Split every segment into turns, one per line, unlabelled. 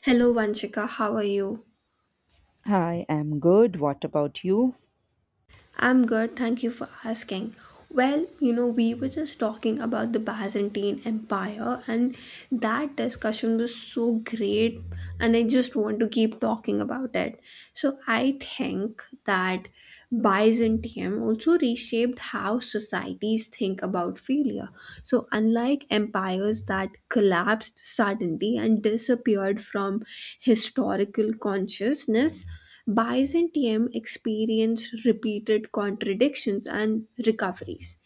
Hello, Vanshika. How are you?
I am good. What about you?
I'm good. Thank you for asking. Well, you know, we were just talking about the Byzantine Empire, and that discussion was so great, and I just want to keep talking about it. So I think that Byzantium also reshaped how societies think about failure. So, unlike empires that collapsed suddenly and disappeared from historical consciousness, Byzantium experienced repeated contradictions and recoveries.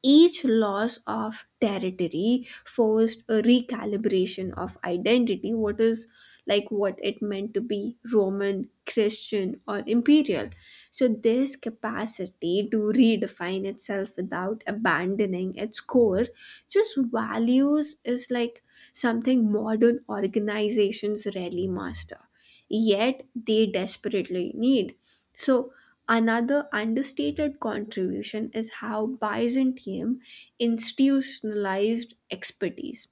Each loss of territory forced a recalibration of identity, what is like what it meant to be Roman, Christian, or imperial. So this capacity to redefine itself without abandoning its core, just values is like something modern organizations rarely master yet they desperately need. So another understated contribution is how Byzantium institutionalized expertise.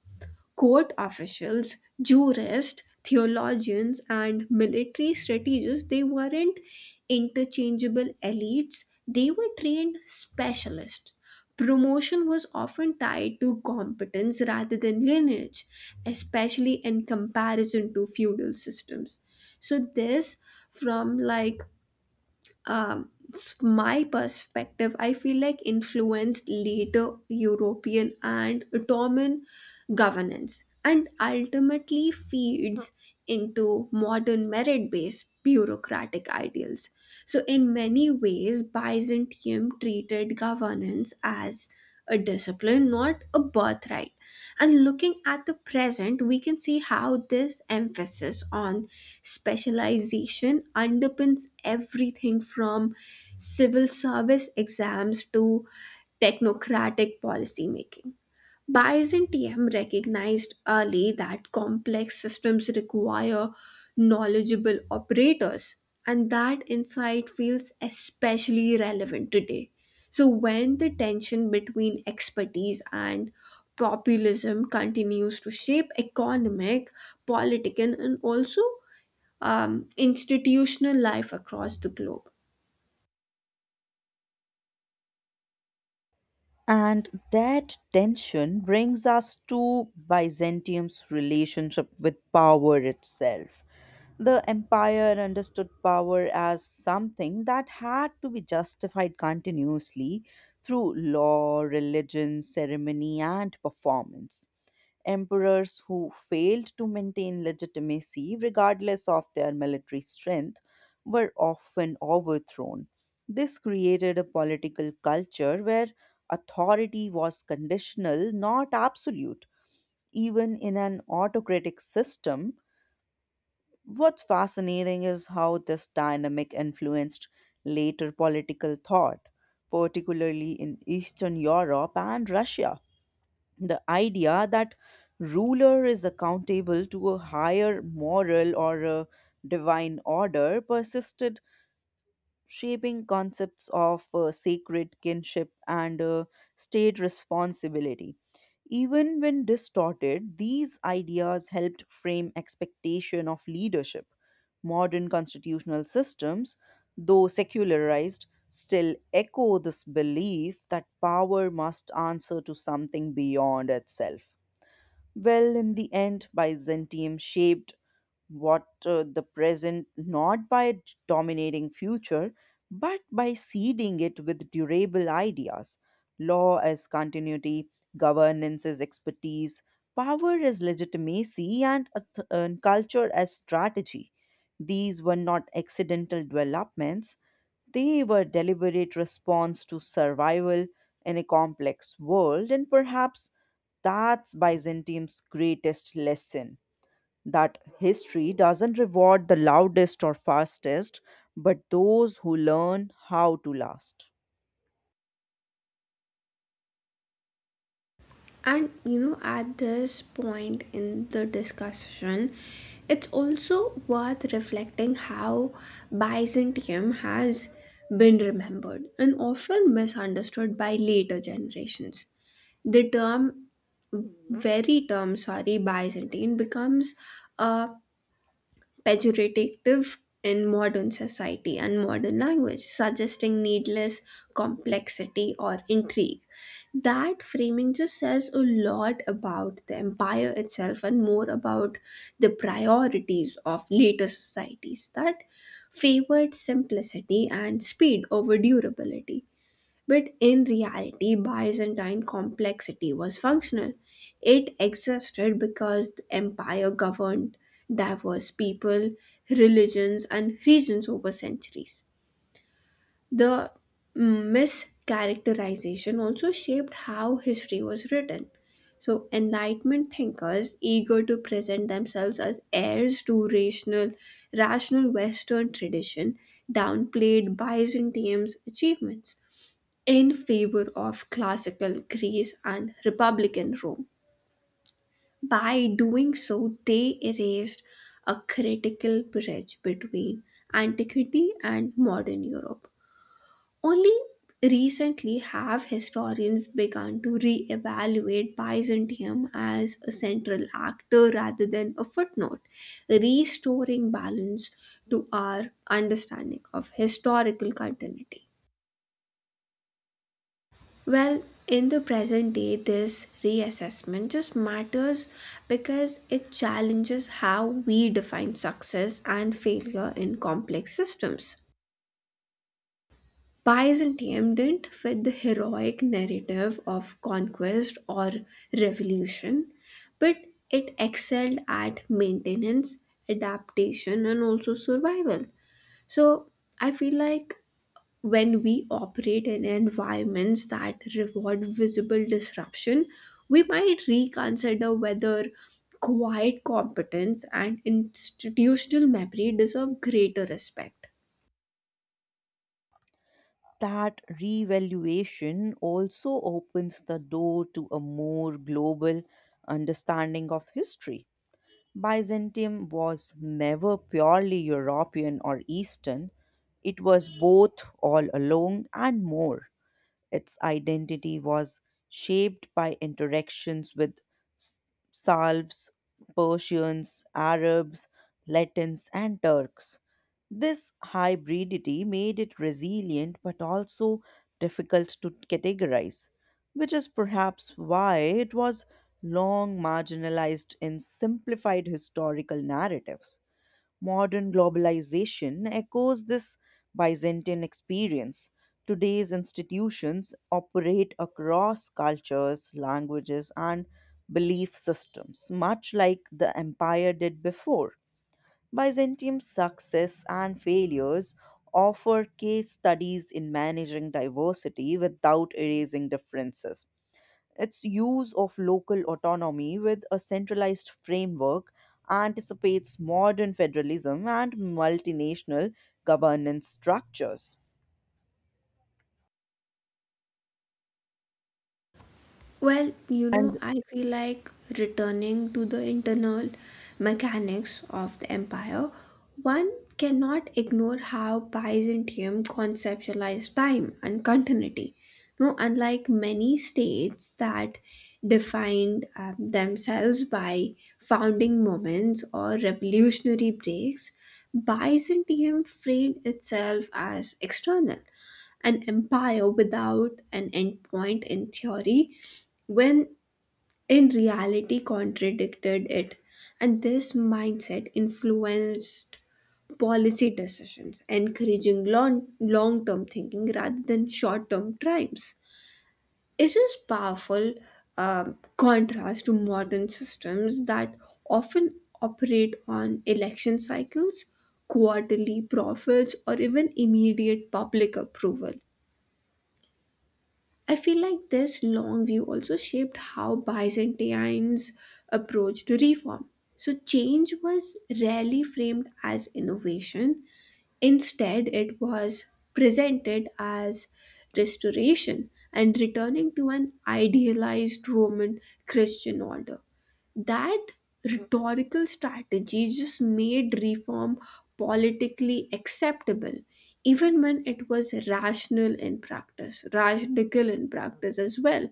Court officials, jurists, theologians, and military strategists, they weren't interchangeable elites, they were trained specialists. Promotion was often tied to competence rather than lineage, especially in comparison to feudal systems, so this from like my perspective, I feel like influenced later European and Ottoman governance and ultimately feeds into modern merit-based bureaucratic ideals. So in many ways Byzantium treated governance as a discipline, not a birthright. And looking at the present, we can see how this emphasis on specialization underpins everything from civil service exams to technocratic policy making. Bayesian recognized early that complex systems require knowledgeable operators, and that insight feels especially relevant today. So when the tension between expertise and populism continues to shape economic, political, and also institutional life across the globe.
And that tension brings us to Byzantium's relationship with power itself. The empire understood power as something that had to be justified continuously through law, religion, ceremony, and performance. Emperors who failed to maintain legitimacy regardless of their military strength were often overthrown. This created a political culture where authority was conditional, not absolute, even in an autocratic system. What's fascinating is how this dynamic influenced later political thought, particularly in Eastern Europe and Russia. The idea that ruler is accountable to a higher moral or a divine order persisted, shaping concepts of sacred kinship and state responsibility. Even when distorted, these ideas helped frame expectation of leadership. Modern constitutional systems, though secularized, still echo this belief that power must answer to something beyond itself. Well, in the end, Byzantium shaped what the present, not by dominating future, but by seeding it with durable ideas: law as continuity, governance as expertise, power as legitimacy, and culture as strategy. These were not accidental developments, they were deliberate response to survival in a complex world, and perhaps that's Byzantium's greatest lesson: that history doesn't reward the loudest or fastest, but those who learn how to last.
And you know, at this point in the discussion, it's also worth reflecting how Byzantium has been remembered and often misunderstood by later generations. The term, very term, sorry, Byzantine becomes a pejorative in modern society and modern language, suggesting needless complexity or intrigue. That framing just says a lot about the empire itself and more about the priorities of later societies that favored simplicity and speed over durability. But in reality, Byzantine complexity was functional. It existed because the empire governed diverse people, religions, and regions over centuries. The mischaracterization also shaped how history was written. So, Enlightenment thinkers, eager to present themselves as heirs to rational Western tradition, downplayed Byzantium's achievements in favor of classical Greece and Republican Rome. By doing so, they erased a critical bridge between antiquity and modern Europe. Only recently have historians begun to re-evaluate Byzantium as a central actor rather than a footnote, restoring balance to our understanding of historical continuity. Well, in the present day, this reassessment just matters because it challenges how we define success and failure in complex systems. Byzantium didn't fit the heroic narrative of conquest or revolution, but it excelled at maintenance, adaptation, and also survival. So I feel like when we operate in environments that reward visible disruption, we might reconsider whether quiet competence and institutional memory deserve greater respect.
That revaluation also opens the door to a more global understanding of history. Byzantium was never purely European or Eastern, it was both all along and more. Its identity was shaped by interactions with S- Salves, Persians, Arabs, Latins, and Turks. This hybridity made it resilient but also difficult to categorize, which is perhaps why it was long marginalized in simplified historical narratives. Modern globalization echoes this Byzantine experience. Today's institutions operate across cultures, languages, and belief systems, much like the empire did before. Byzantium success and failures offer case studies in managing diversity without erasing differences. Its use of local autonomy with a centralized framework anticipates modern federalism and multinational governance structures.
Well, you know,
And
I feel like returning to the internal mechanics of the empire, one cannot ignore how Byzantium conceptualized time and continuity. No, unlike many states that defined themselves by founding moments or revolutionary breaks, Byzantium framed itself as external, an empire without an endpoint in theory when in reality contradicted it. And this mindset influenced policy decisions, encouraging long long term thinking rather than short term triumphs. It's just powerful contrast to modern systems that often operate on election cycles, quarterly profits, or even immediate public approval. I feel like this long view also shaped how Byzantines approached reform. So change was rarely framed as innovation. Instead, it was presented as restoration and returning to an idealized Roman Christian order. That rhetorical strategy just made reform politically acceptable, even when it was rational in practice, radical in practice as well.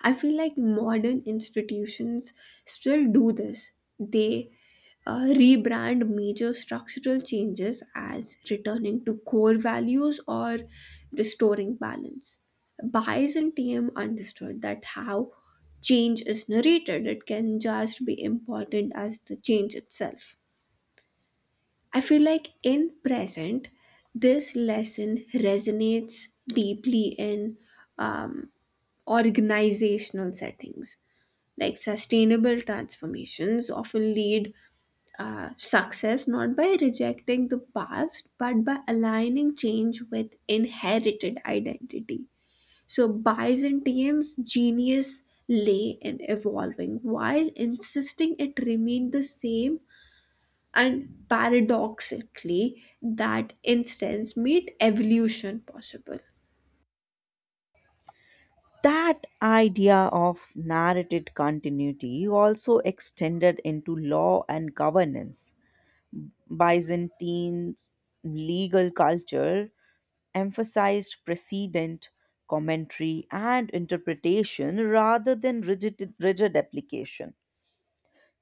I feel like modern institutions still do this. They rebrand major structural changes as returning to core values or restoring balance. Bayes and TM understood that how change is narrated, it can just be important as the change itself. I feel like in present, this lesson resonates deeply in um, organizational settings. Like sustainable transformations often lead success not by rejecting the past but by aligning change with inherited identity. So Byzantium's genius lay in evolving while insisting it remained the same, and paradoxically that instance made evolution possible.
that idea of narrated continuity also extended into law and governance. Byzantine legal culture emphasized precedent, commentary, and interpretation rather than rigid application.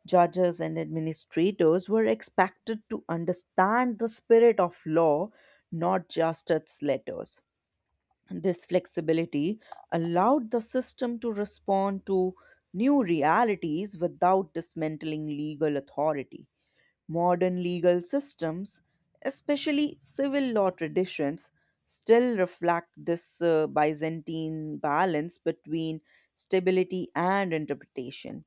Judges and administrators were expected to understand the spirit of law, not just its letters. This flexibility allowed the system to respond to new realities without dismantling legal authority. Modern legal systems, especially civil law traditions, still reflect this Byzantine balance between stability and interpretation.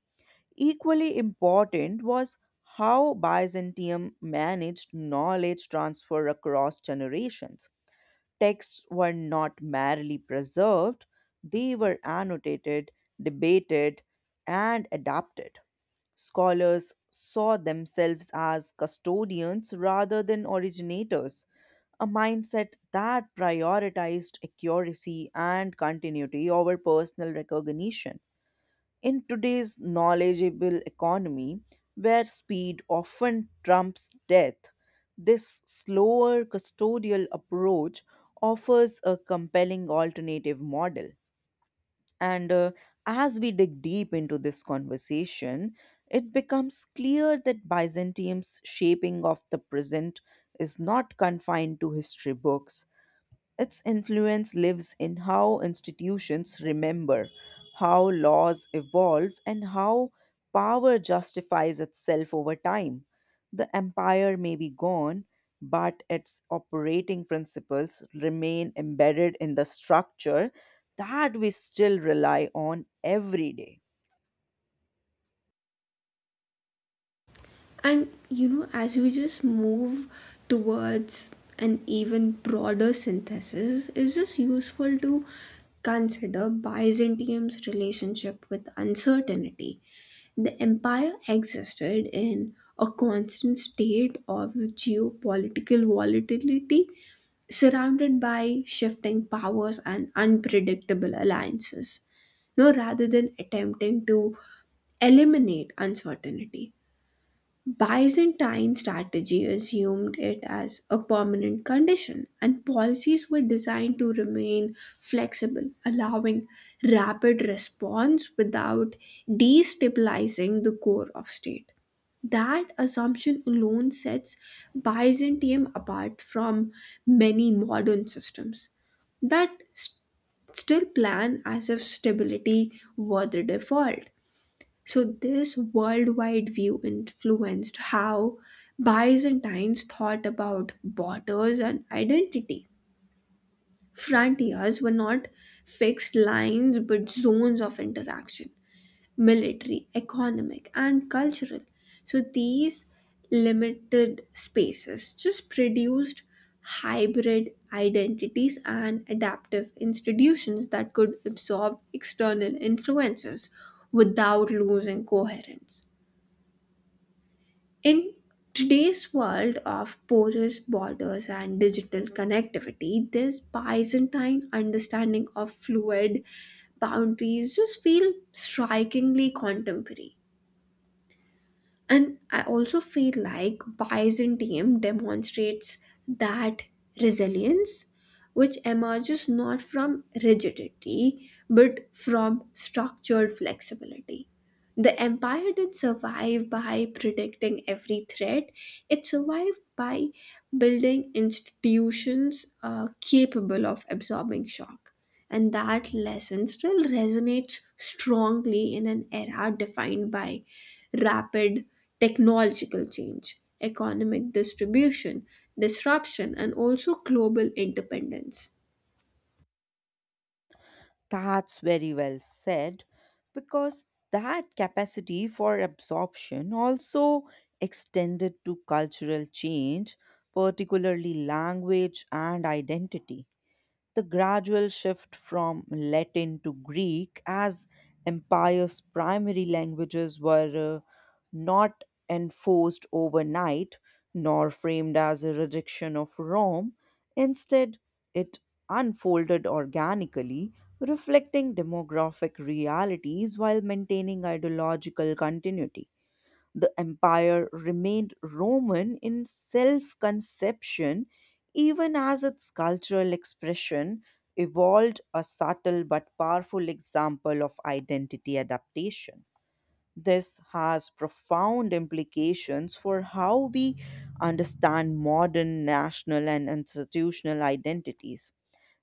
Equally important was how Byzantium managed knowledge transfer across generations. Texts were not merely preserved, they were annotated, debated, and adapted. Scholars saw themselves as custodians rather than originators, a mindset that prioritized accuracy and continuity over personal recognition. In today's knowledgeable economy, where speed often trumps depth, this slower custodial approach offers a compelling alternative model. And As we dig deep into this conversation, it becomes clear that Byzantium's shaping of the present is not confined to history books. Its influence lives in how institutions remember, how laws evolve, and how power justifies itself over time. The empire may be gone, but its operating principles remain embedded in the structure that we still rely on every day.
And you know, as we just move towards an even broader synthesis, it's just useful to consider Byzantium's relationship with uncertainty. The empire existed in a constant state of geopolitical volatility, surrounded by shifting powers and unpredictable alliances. No, rather than attempting to eliminate uncertainty, Byzantine strategy assumed it as a permanent condition, and policies were designed to remain flexible, allowing rapid response without destabilizing the core of state. That assumption alone sets Byzantium apart from many modern systems that still plan as if stability were the default. So this worldwide view influenced how Byzantines thought about borders and identity. Frontiers were not fixed lines but zones of interaction, military, economic, and cultural. So these limited spaces just produced hybrid identities and adaptive institutions that could absorb external influences without losing coherence. In today's world of porous borders and digital connectivity, this Byzantine understanding of fluid boundaries just feel strikingly contemporary. And I also feel like Byzantium demonstrates that resilience which emerges not from rigidity but from structured flexibility. The empire did not survive by predicting every threat. It survived by building institutions capable of absorbing shock. And that lesson still resonates strongly in an era defined by rapid technological change, economic distribution, disruption, and also global interdependence.
That's very well said, because that capacity for absorption also extended to cultural change, particularly language and identity. The gradual shift from Latin to Greek as empires' primary languages were not enforced overnight nor framed as a rejection of Rome. Instead, it unfolded organically, reflecting demographic realities while maintaining ideological continuity. The empire remained Roman in self conception even as its cultural expression evolved, a subtle but powerful example of identity adaptation. This has profound implications for how we understand modern national and institutional identities.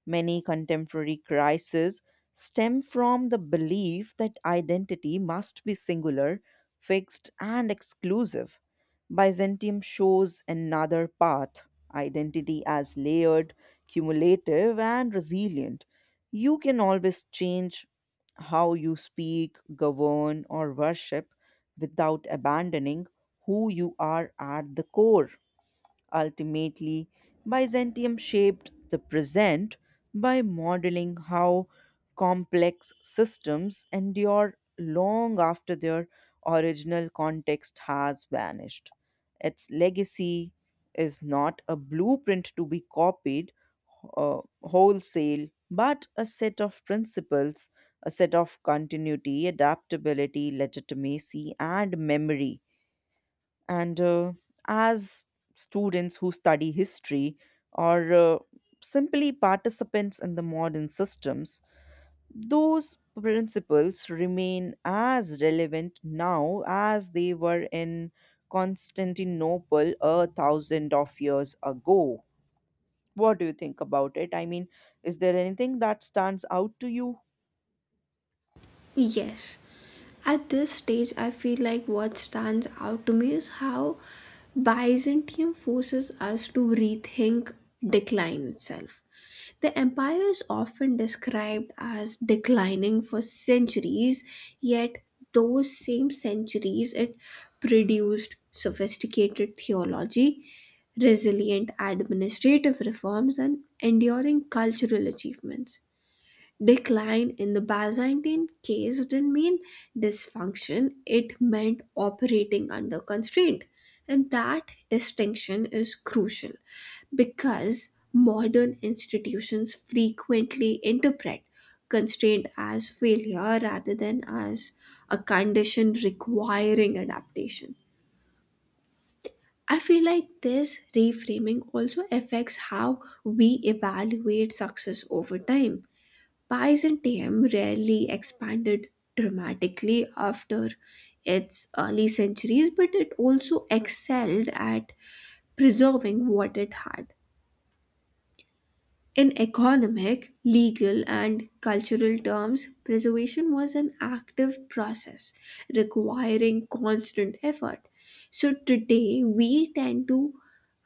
Many contemporary crises stem from the belief that identity must be singular, fixed, and exclusive. Byzantium shows another path: identity as layered, cumulative, and resilient. You can always change how you speak, govern, or worship without abandoning who you are at the core. Ultimately, Byzantium shaped the present by modeling how complex systems endure long after their original context has vanished. Its legacy is not a blueprint to be copied wholesale, but a set of principles, a set of continuity, adaptability, legitimacy, and memory. And uh, as students who study history or simply participants in the modern systems, those principles remain as relevant now as they were in Constantinople 1,000 of years ago. What do you think about it? I mean, is there anything that stands out to you?
Yes. At this stage, I feel like what stands out to me is how Byzantium forces us to rethink decline itself. The empire is often described as declining for centuries, yet those same centuries it produced sophisticated theology, resilient administrative reforms, and enduring cultural achievements. Decline in the Byzantine case didn't mean dysfunction, it meant operating under constraint. And that distinction is crucial because modern institutions frequently interpret constraint as failure rather than as a condition requiring adaptation. I feel like this reframing also affects how we evaluate success over time. Byzantium rarely expanded dramatically after its early centuries, but it also excelled at preserving what it had. In economic, legal, and cultural terms, preservation was an active process requiring constant effort. So today, we tend to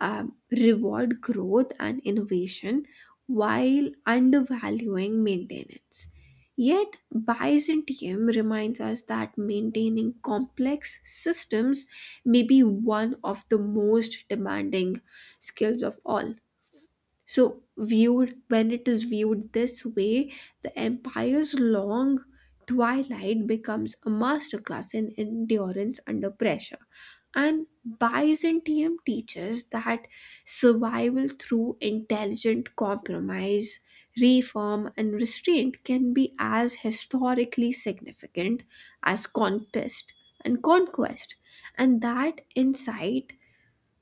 reward growth and innovation while undervaluing maintenance. Yet Byzantium reminds us that maintaining complex systems may be one of the most demanding skills of all. So, viewed when it is viewed this way, the empire's long twilight becomes a masterclass in endurance under pressure. And Byzantium teaches that survival through intelligent compromise, reform, and restraint can be as historically significant as contest and conquest. And that insight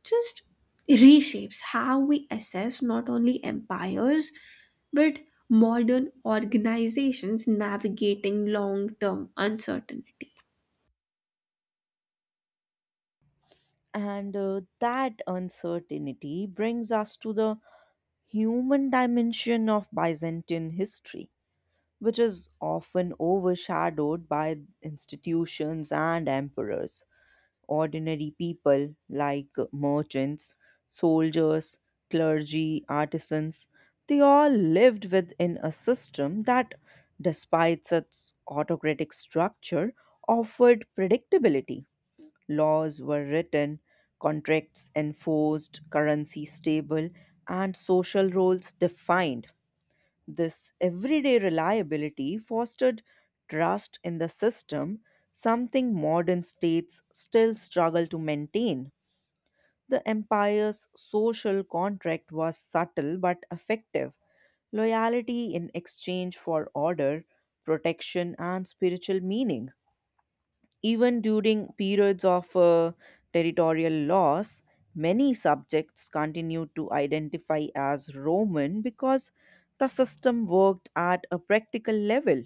just reshapes how we assess not only empires but modern organizations navigating long term uncertainty.
And That uncertainty brings us to the human dimension of Byzantine history, which is often overshadowed by institutions and emperors. Ordinary people like merchants, soldiers, clergy, artisans, they all lived within a system that, despite its autocratic structure, offered predictability. Laws were written, contracts enforced, currency stable, and social roles defined. This everyday reliability fostered trust in the system, something modern states still struggle to maintain. The empire's social contract was subtle but effective: loyalty in exchange for order, protection, and spiritual meaning. Even during periods of territorial loss, many subjects continued to identify as Roman because the system worked at a practical level.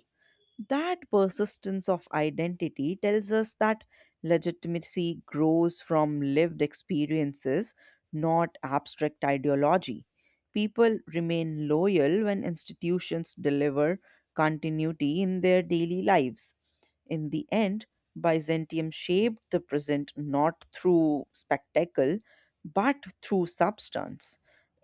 That persistence of identity tells us that legitimacy grows from lived experiences, not abstract ideology. People remain loyal when institutions deliver continuity in their daily lives. In the end, Byzantium shaped the present not through spectacle but through substance.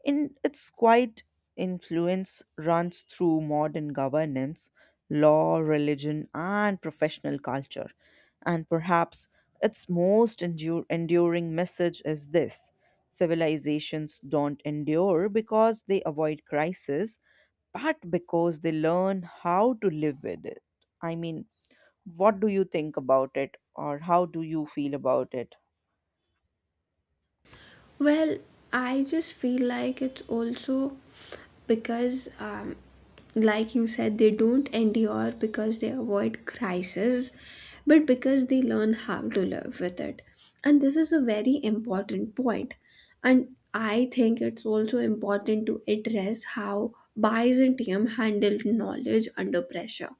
In its quiet influence runs through modern governance, law, religion, and professional culture. And perhaps its most enduring message is this: civilizations don't endure because they avoid crisis, but because they learn how to live with it. I mean, what do you think about it, or how do you feel about it?
Well, I just feel like it's also because, like you said, they don't endure because they avoid crisis, but because they learn how to live with it. And this is a very important point. And I think it's also important to address how Byzantium handled knowledge under pressure.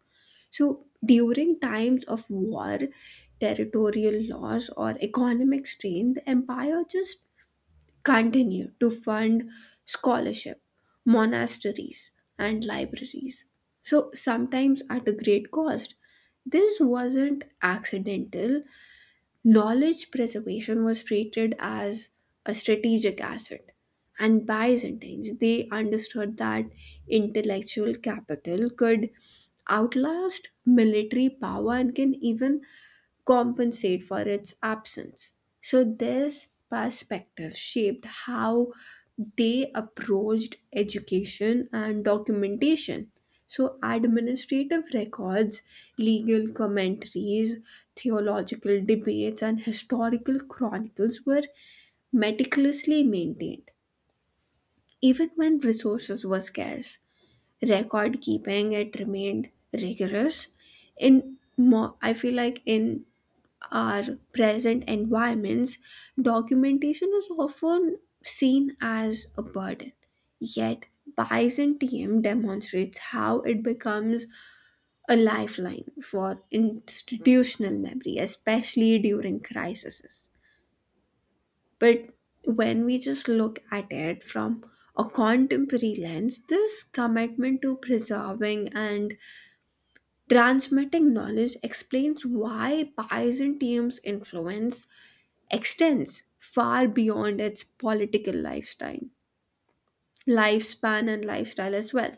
So during times of war, territorial loss, or economic strain, the empire just continue to fund scholarship, monasteries, and libraries. So sometimes at a great cost. This wasn't accidental. Knowledge preservation was treated as a strategic asset. And Byzantines, they understood that intellectual capital could outlast military power and can even compensate for its absence. So this perspective shaped how they approached education and documentation. So, administrative records, legal commentaries, theological debates, and historical chronicles were meticulously maintained, even when resources were scarce. Record keeping, it remained rigorous in more, I feel like, in our present environments documentation is often seen as a burden, yet Byzantium demonstrates how it becomes a lifeline for institutional memory, especially during crises. But when we just look at it from a contemporary lens, this commitment to preserving and transmitting knowledge explains why Byzantium's influence extends far beyond its political lifestyle, lifespan and lifestyle as well.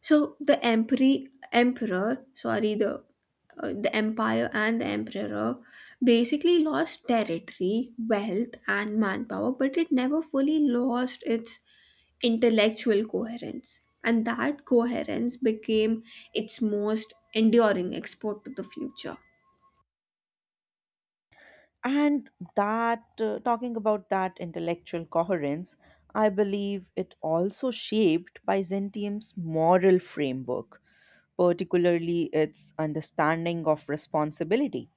So the emperor, sorry, the the empire and the emperor basically lost territory, wealth, and manpower, but it never fully lost its intellectual coherence, and that coherence became its most enduring export to the future.
And Talking about that intellectual coherence, I believe it also shaped Byzantium's moral framework, particularly its understanding of responsibility.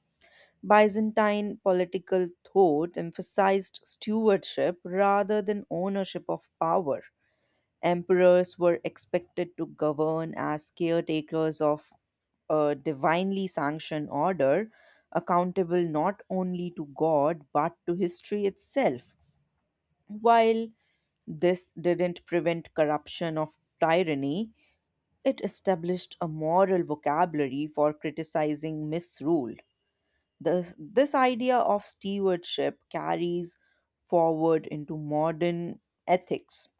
Byzantine political thought emphasized stewardship rather than ownership of power. Emperors were expected to govern as caretakers of a divinely sanctioned order, accountable not only to God but to history itself. While this didn't prevent corruption of tyranny, it established a moral vocabulary for criticizing misrule. This idea of stewardship carries forward into modern ethics.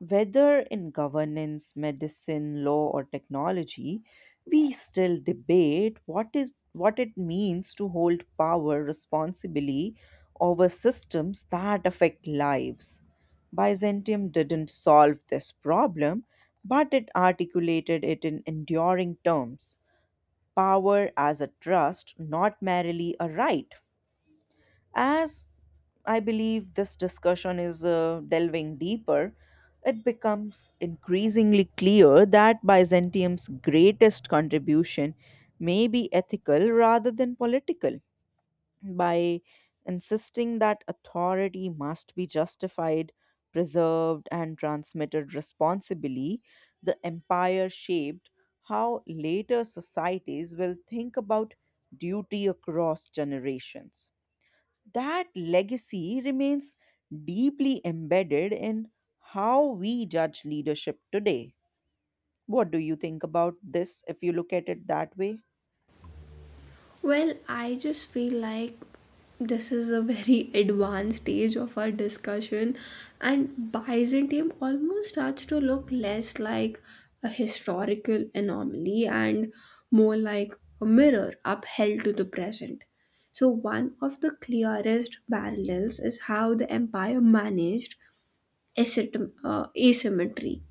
Whether in governance, medicine, law, or technology, we still debate what it means to hold power responsibly over systems that affect lives. Byzantium didn't solve this problem, but it articulated it in enduring terms. Power as a trust, not merely a right. As I believe this discussion is delving deeper, it becomes increasingly clear that Byzantium's greatest contribution may be ethical rather than political. By insisting that authority must be justified, preserved, and transmitted responsibly, the empire shaped how later societies will think about duty across generations. That legacy remains deeply embedded in how we judge leadership today. What do you think about this if you look at it that way?
Well, I just feel like this is a very advanced stage of our discussion, and Byzantium almost starts to look less like a historical anomaly and more like a mirror upheld to the present. So one of the clearest parallels is how the empire managed asymmetry,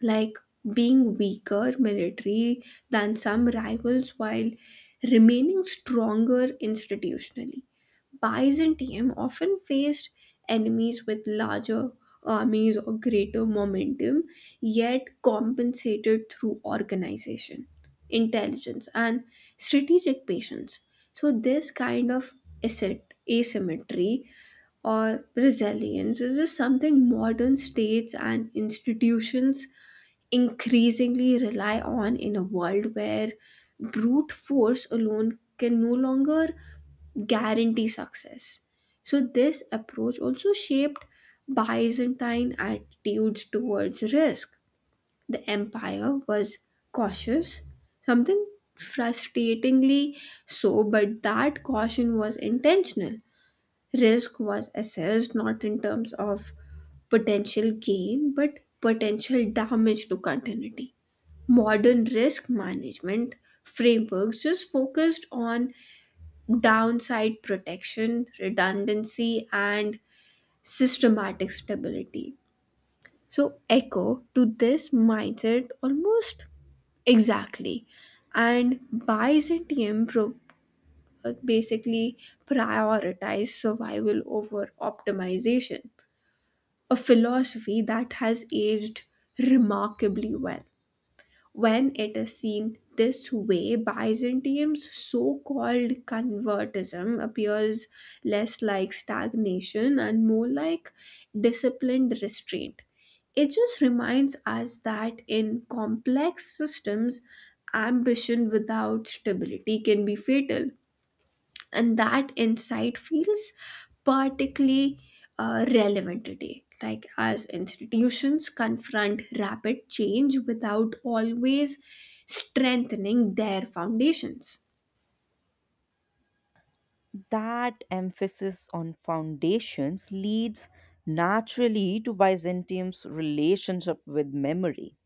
like being weaker military than some rivals while remaining stronger institutionally. Byzantium often faced enemies with larger armies or greater momentum, yet compensated through organization, intelligence, and strategic patience. So this kind of asset asymmetry or resilience is just something modern states and institutions increasingly rely on in a world where brute force alone can no longer guarantee success. So this approach also shaped Byzantine attitudes towards risk. The empire was cautious, something frustratingly so, but that caution was intentional. Risk was assessed not in terms of potential gain but potential damage to continuity. Modern risk management frameworks just focused on downside protection, redundancy, and systematic stability. So, echo to this mindset almost exactly. And Byzantium basically prioritized survival over optimization, a philosophy that has aged remarkably well. When it is seen this way, Byzantium's so called convertism appears less like stagnation and more like disciplined restraint. It just reminds us that in complex systems, ambition without stability can be fatal, and that insight feels particularly relevant today, like as institutions confront rapid change without always strengthening their foundations.
That emphasis on foundations leads naturally to Byzantium's relationship with memory.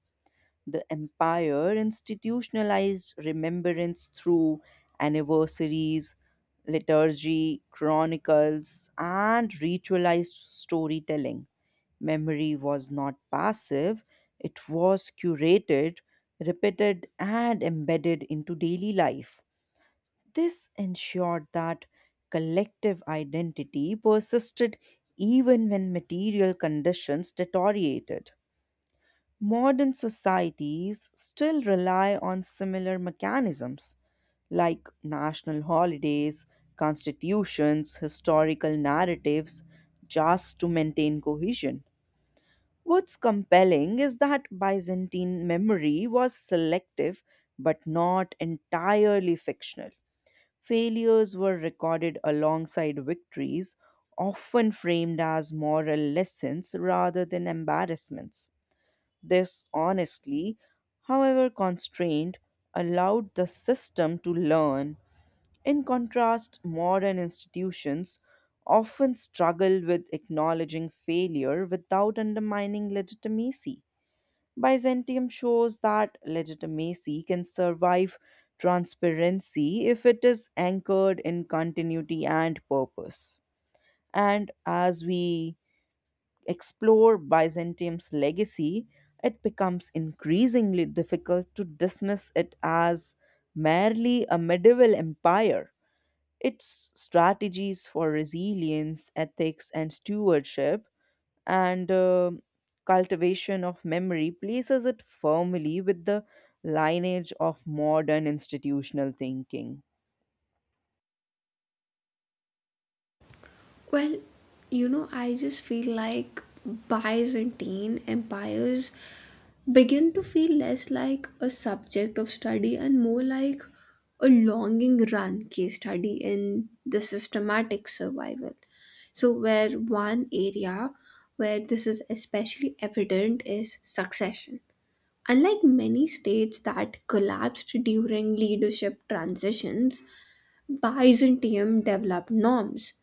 The empire institutionalized remembrance through anniversaries, liturgy, chronicles, and ritualized storytelling. Memory was not passive, it was curated, repeated, and embedded into daily life. This ensured that collective identity persisted even when material conditions deteriorated. Modern societies still rely on similar mechanisms like national holidays, constitutions, historical narratives, just to maintain cohesion. What's compelling is that Byzantine memory was selective but not entirely fictional. Failures were recorded alongside victories, often framed as moral lessons rather than embarrassments. This honesty, however constrained, allowed the system to learn. In contrast, modern institutions often struggle with acknowledging failure without undermining legitimacy. Byzantium shows that legitimacy can survive transparency if it is anchored in continuity and purpose. And as we explore Byzantium's legacy, it becomes increasingly difficult to dismiss it as merely a medieval empire. Its strategies for resilience, ethics, and stewardship and cultivation of memory places it firmly with the lineage of modern institutional thinking.
Well, you know, I just feel like Byzantine empires begin to feel less like a subject of study and more like a longing run case study in the systematic survival. So where one area where this is especially evident is succession. Unlike many states that collapsed during leadership transitions, Byzantium developed norms,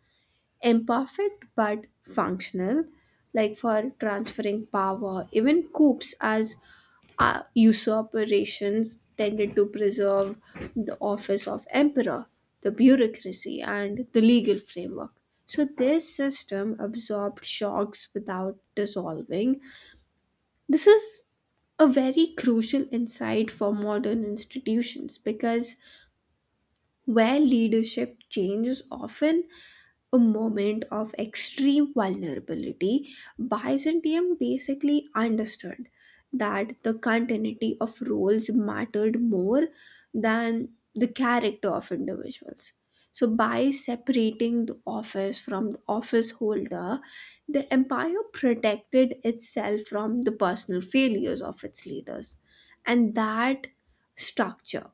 imperfect but functional, like for transferring power. Even coups as usurpations tended to preserve the office of emperor, the bureaucracy, and the legal framework. So this system absorbed shocks without dissolving. This is a very crucial insight for modern institutions because where leadership changes often a moment of extreme vulnerability, Byzantium basically understood that the continuity of roles mattered more than the character of individuals. So by separating the office from the office holder, the empire protected itself from the personal failures of its leaders. And that structure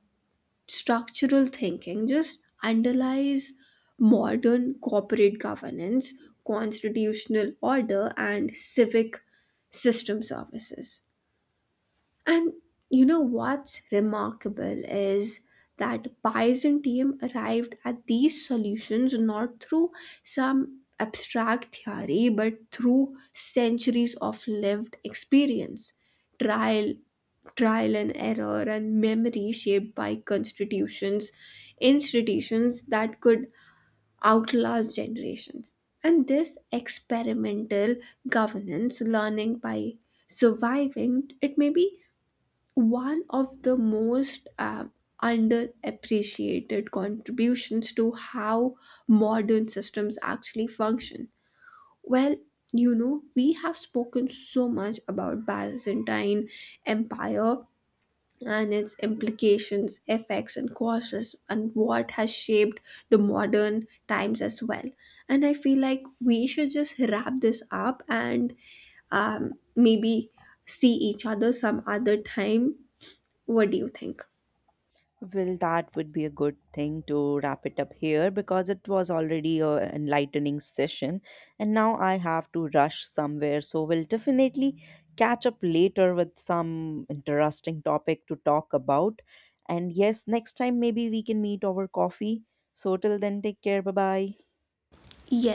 structural thinking just underlies modern corporate governance, constitutional order, and civic system services. And you know what's remarkable is that Byzantium arrived at these solutions not through some abstract theory but through centuries of lived experience, trial, trial and error, and memory shaped by constitutions, institutions that could outlast generations. And this experimental governance, learning by surviving, it may be one of the most underappreciated contributions to how modern systems actually function. Well, you know, we have spoken so much about Byzantine Empire and its implications, effects and causes and what has shaped the modern times as well. And I feel like we should just wrap this up and maybe see each other some other time. What do you think?
Well, that would be a good thing to wrap it up here, because it was already a enlightening session, and now I have to rush somewhere. So we'll definitely catch up later with some interesting topic to talk about. And yes, next time maybe we can meet over coffee. So till then, take care. Bye bye.
Yes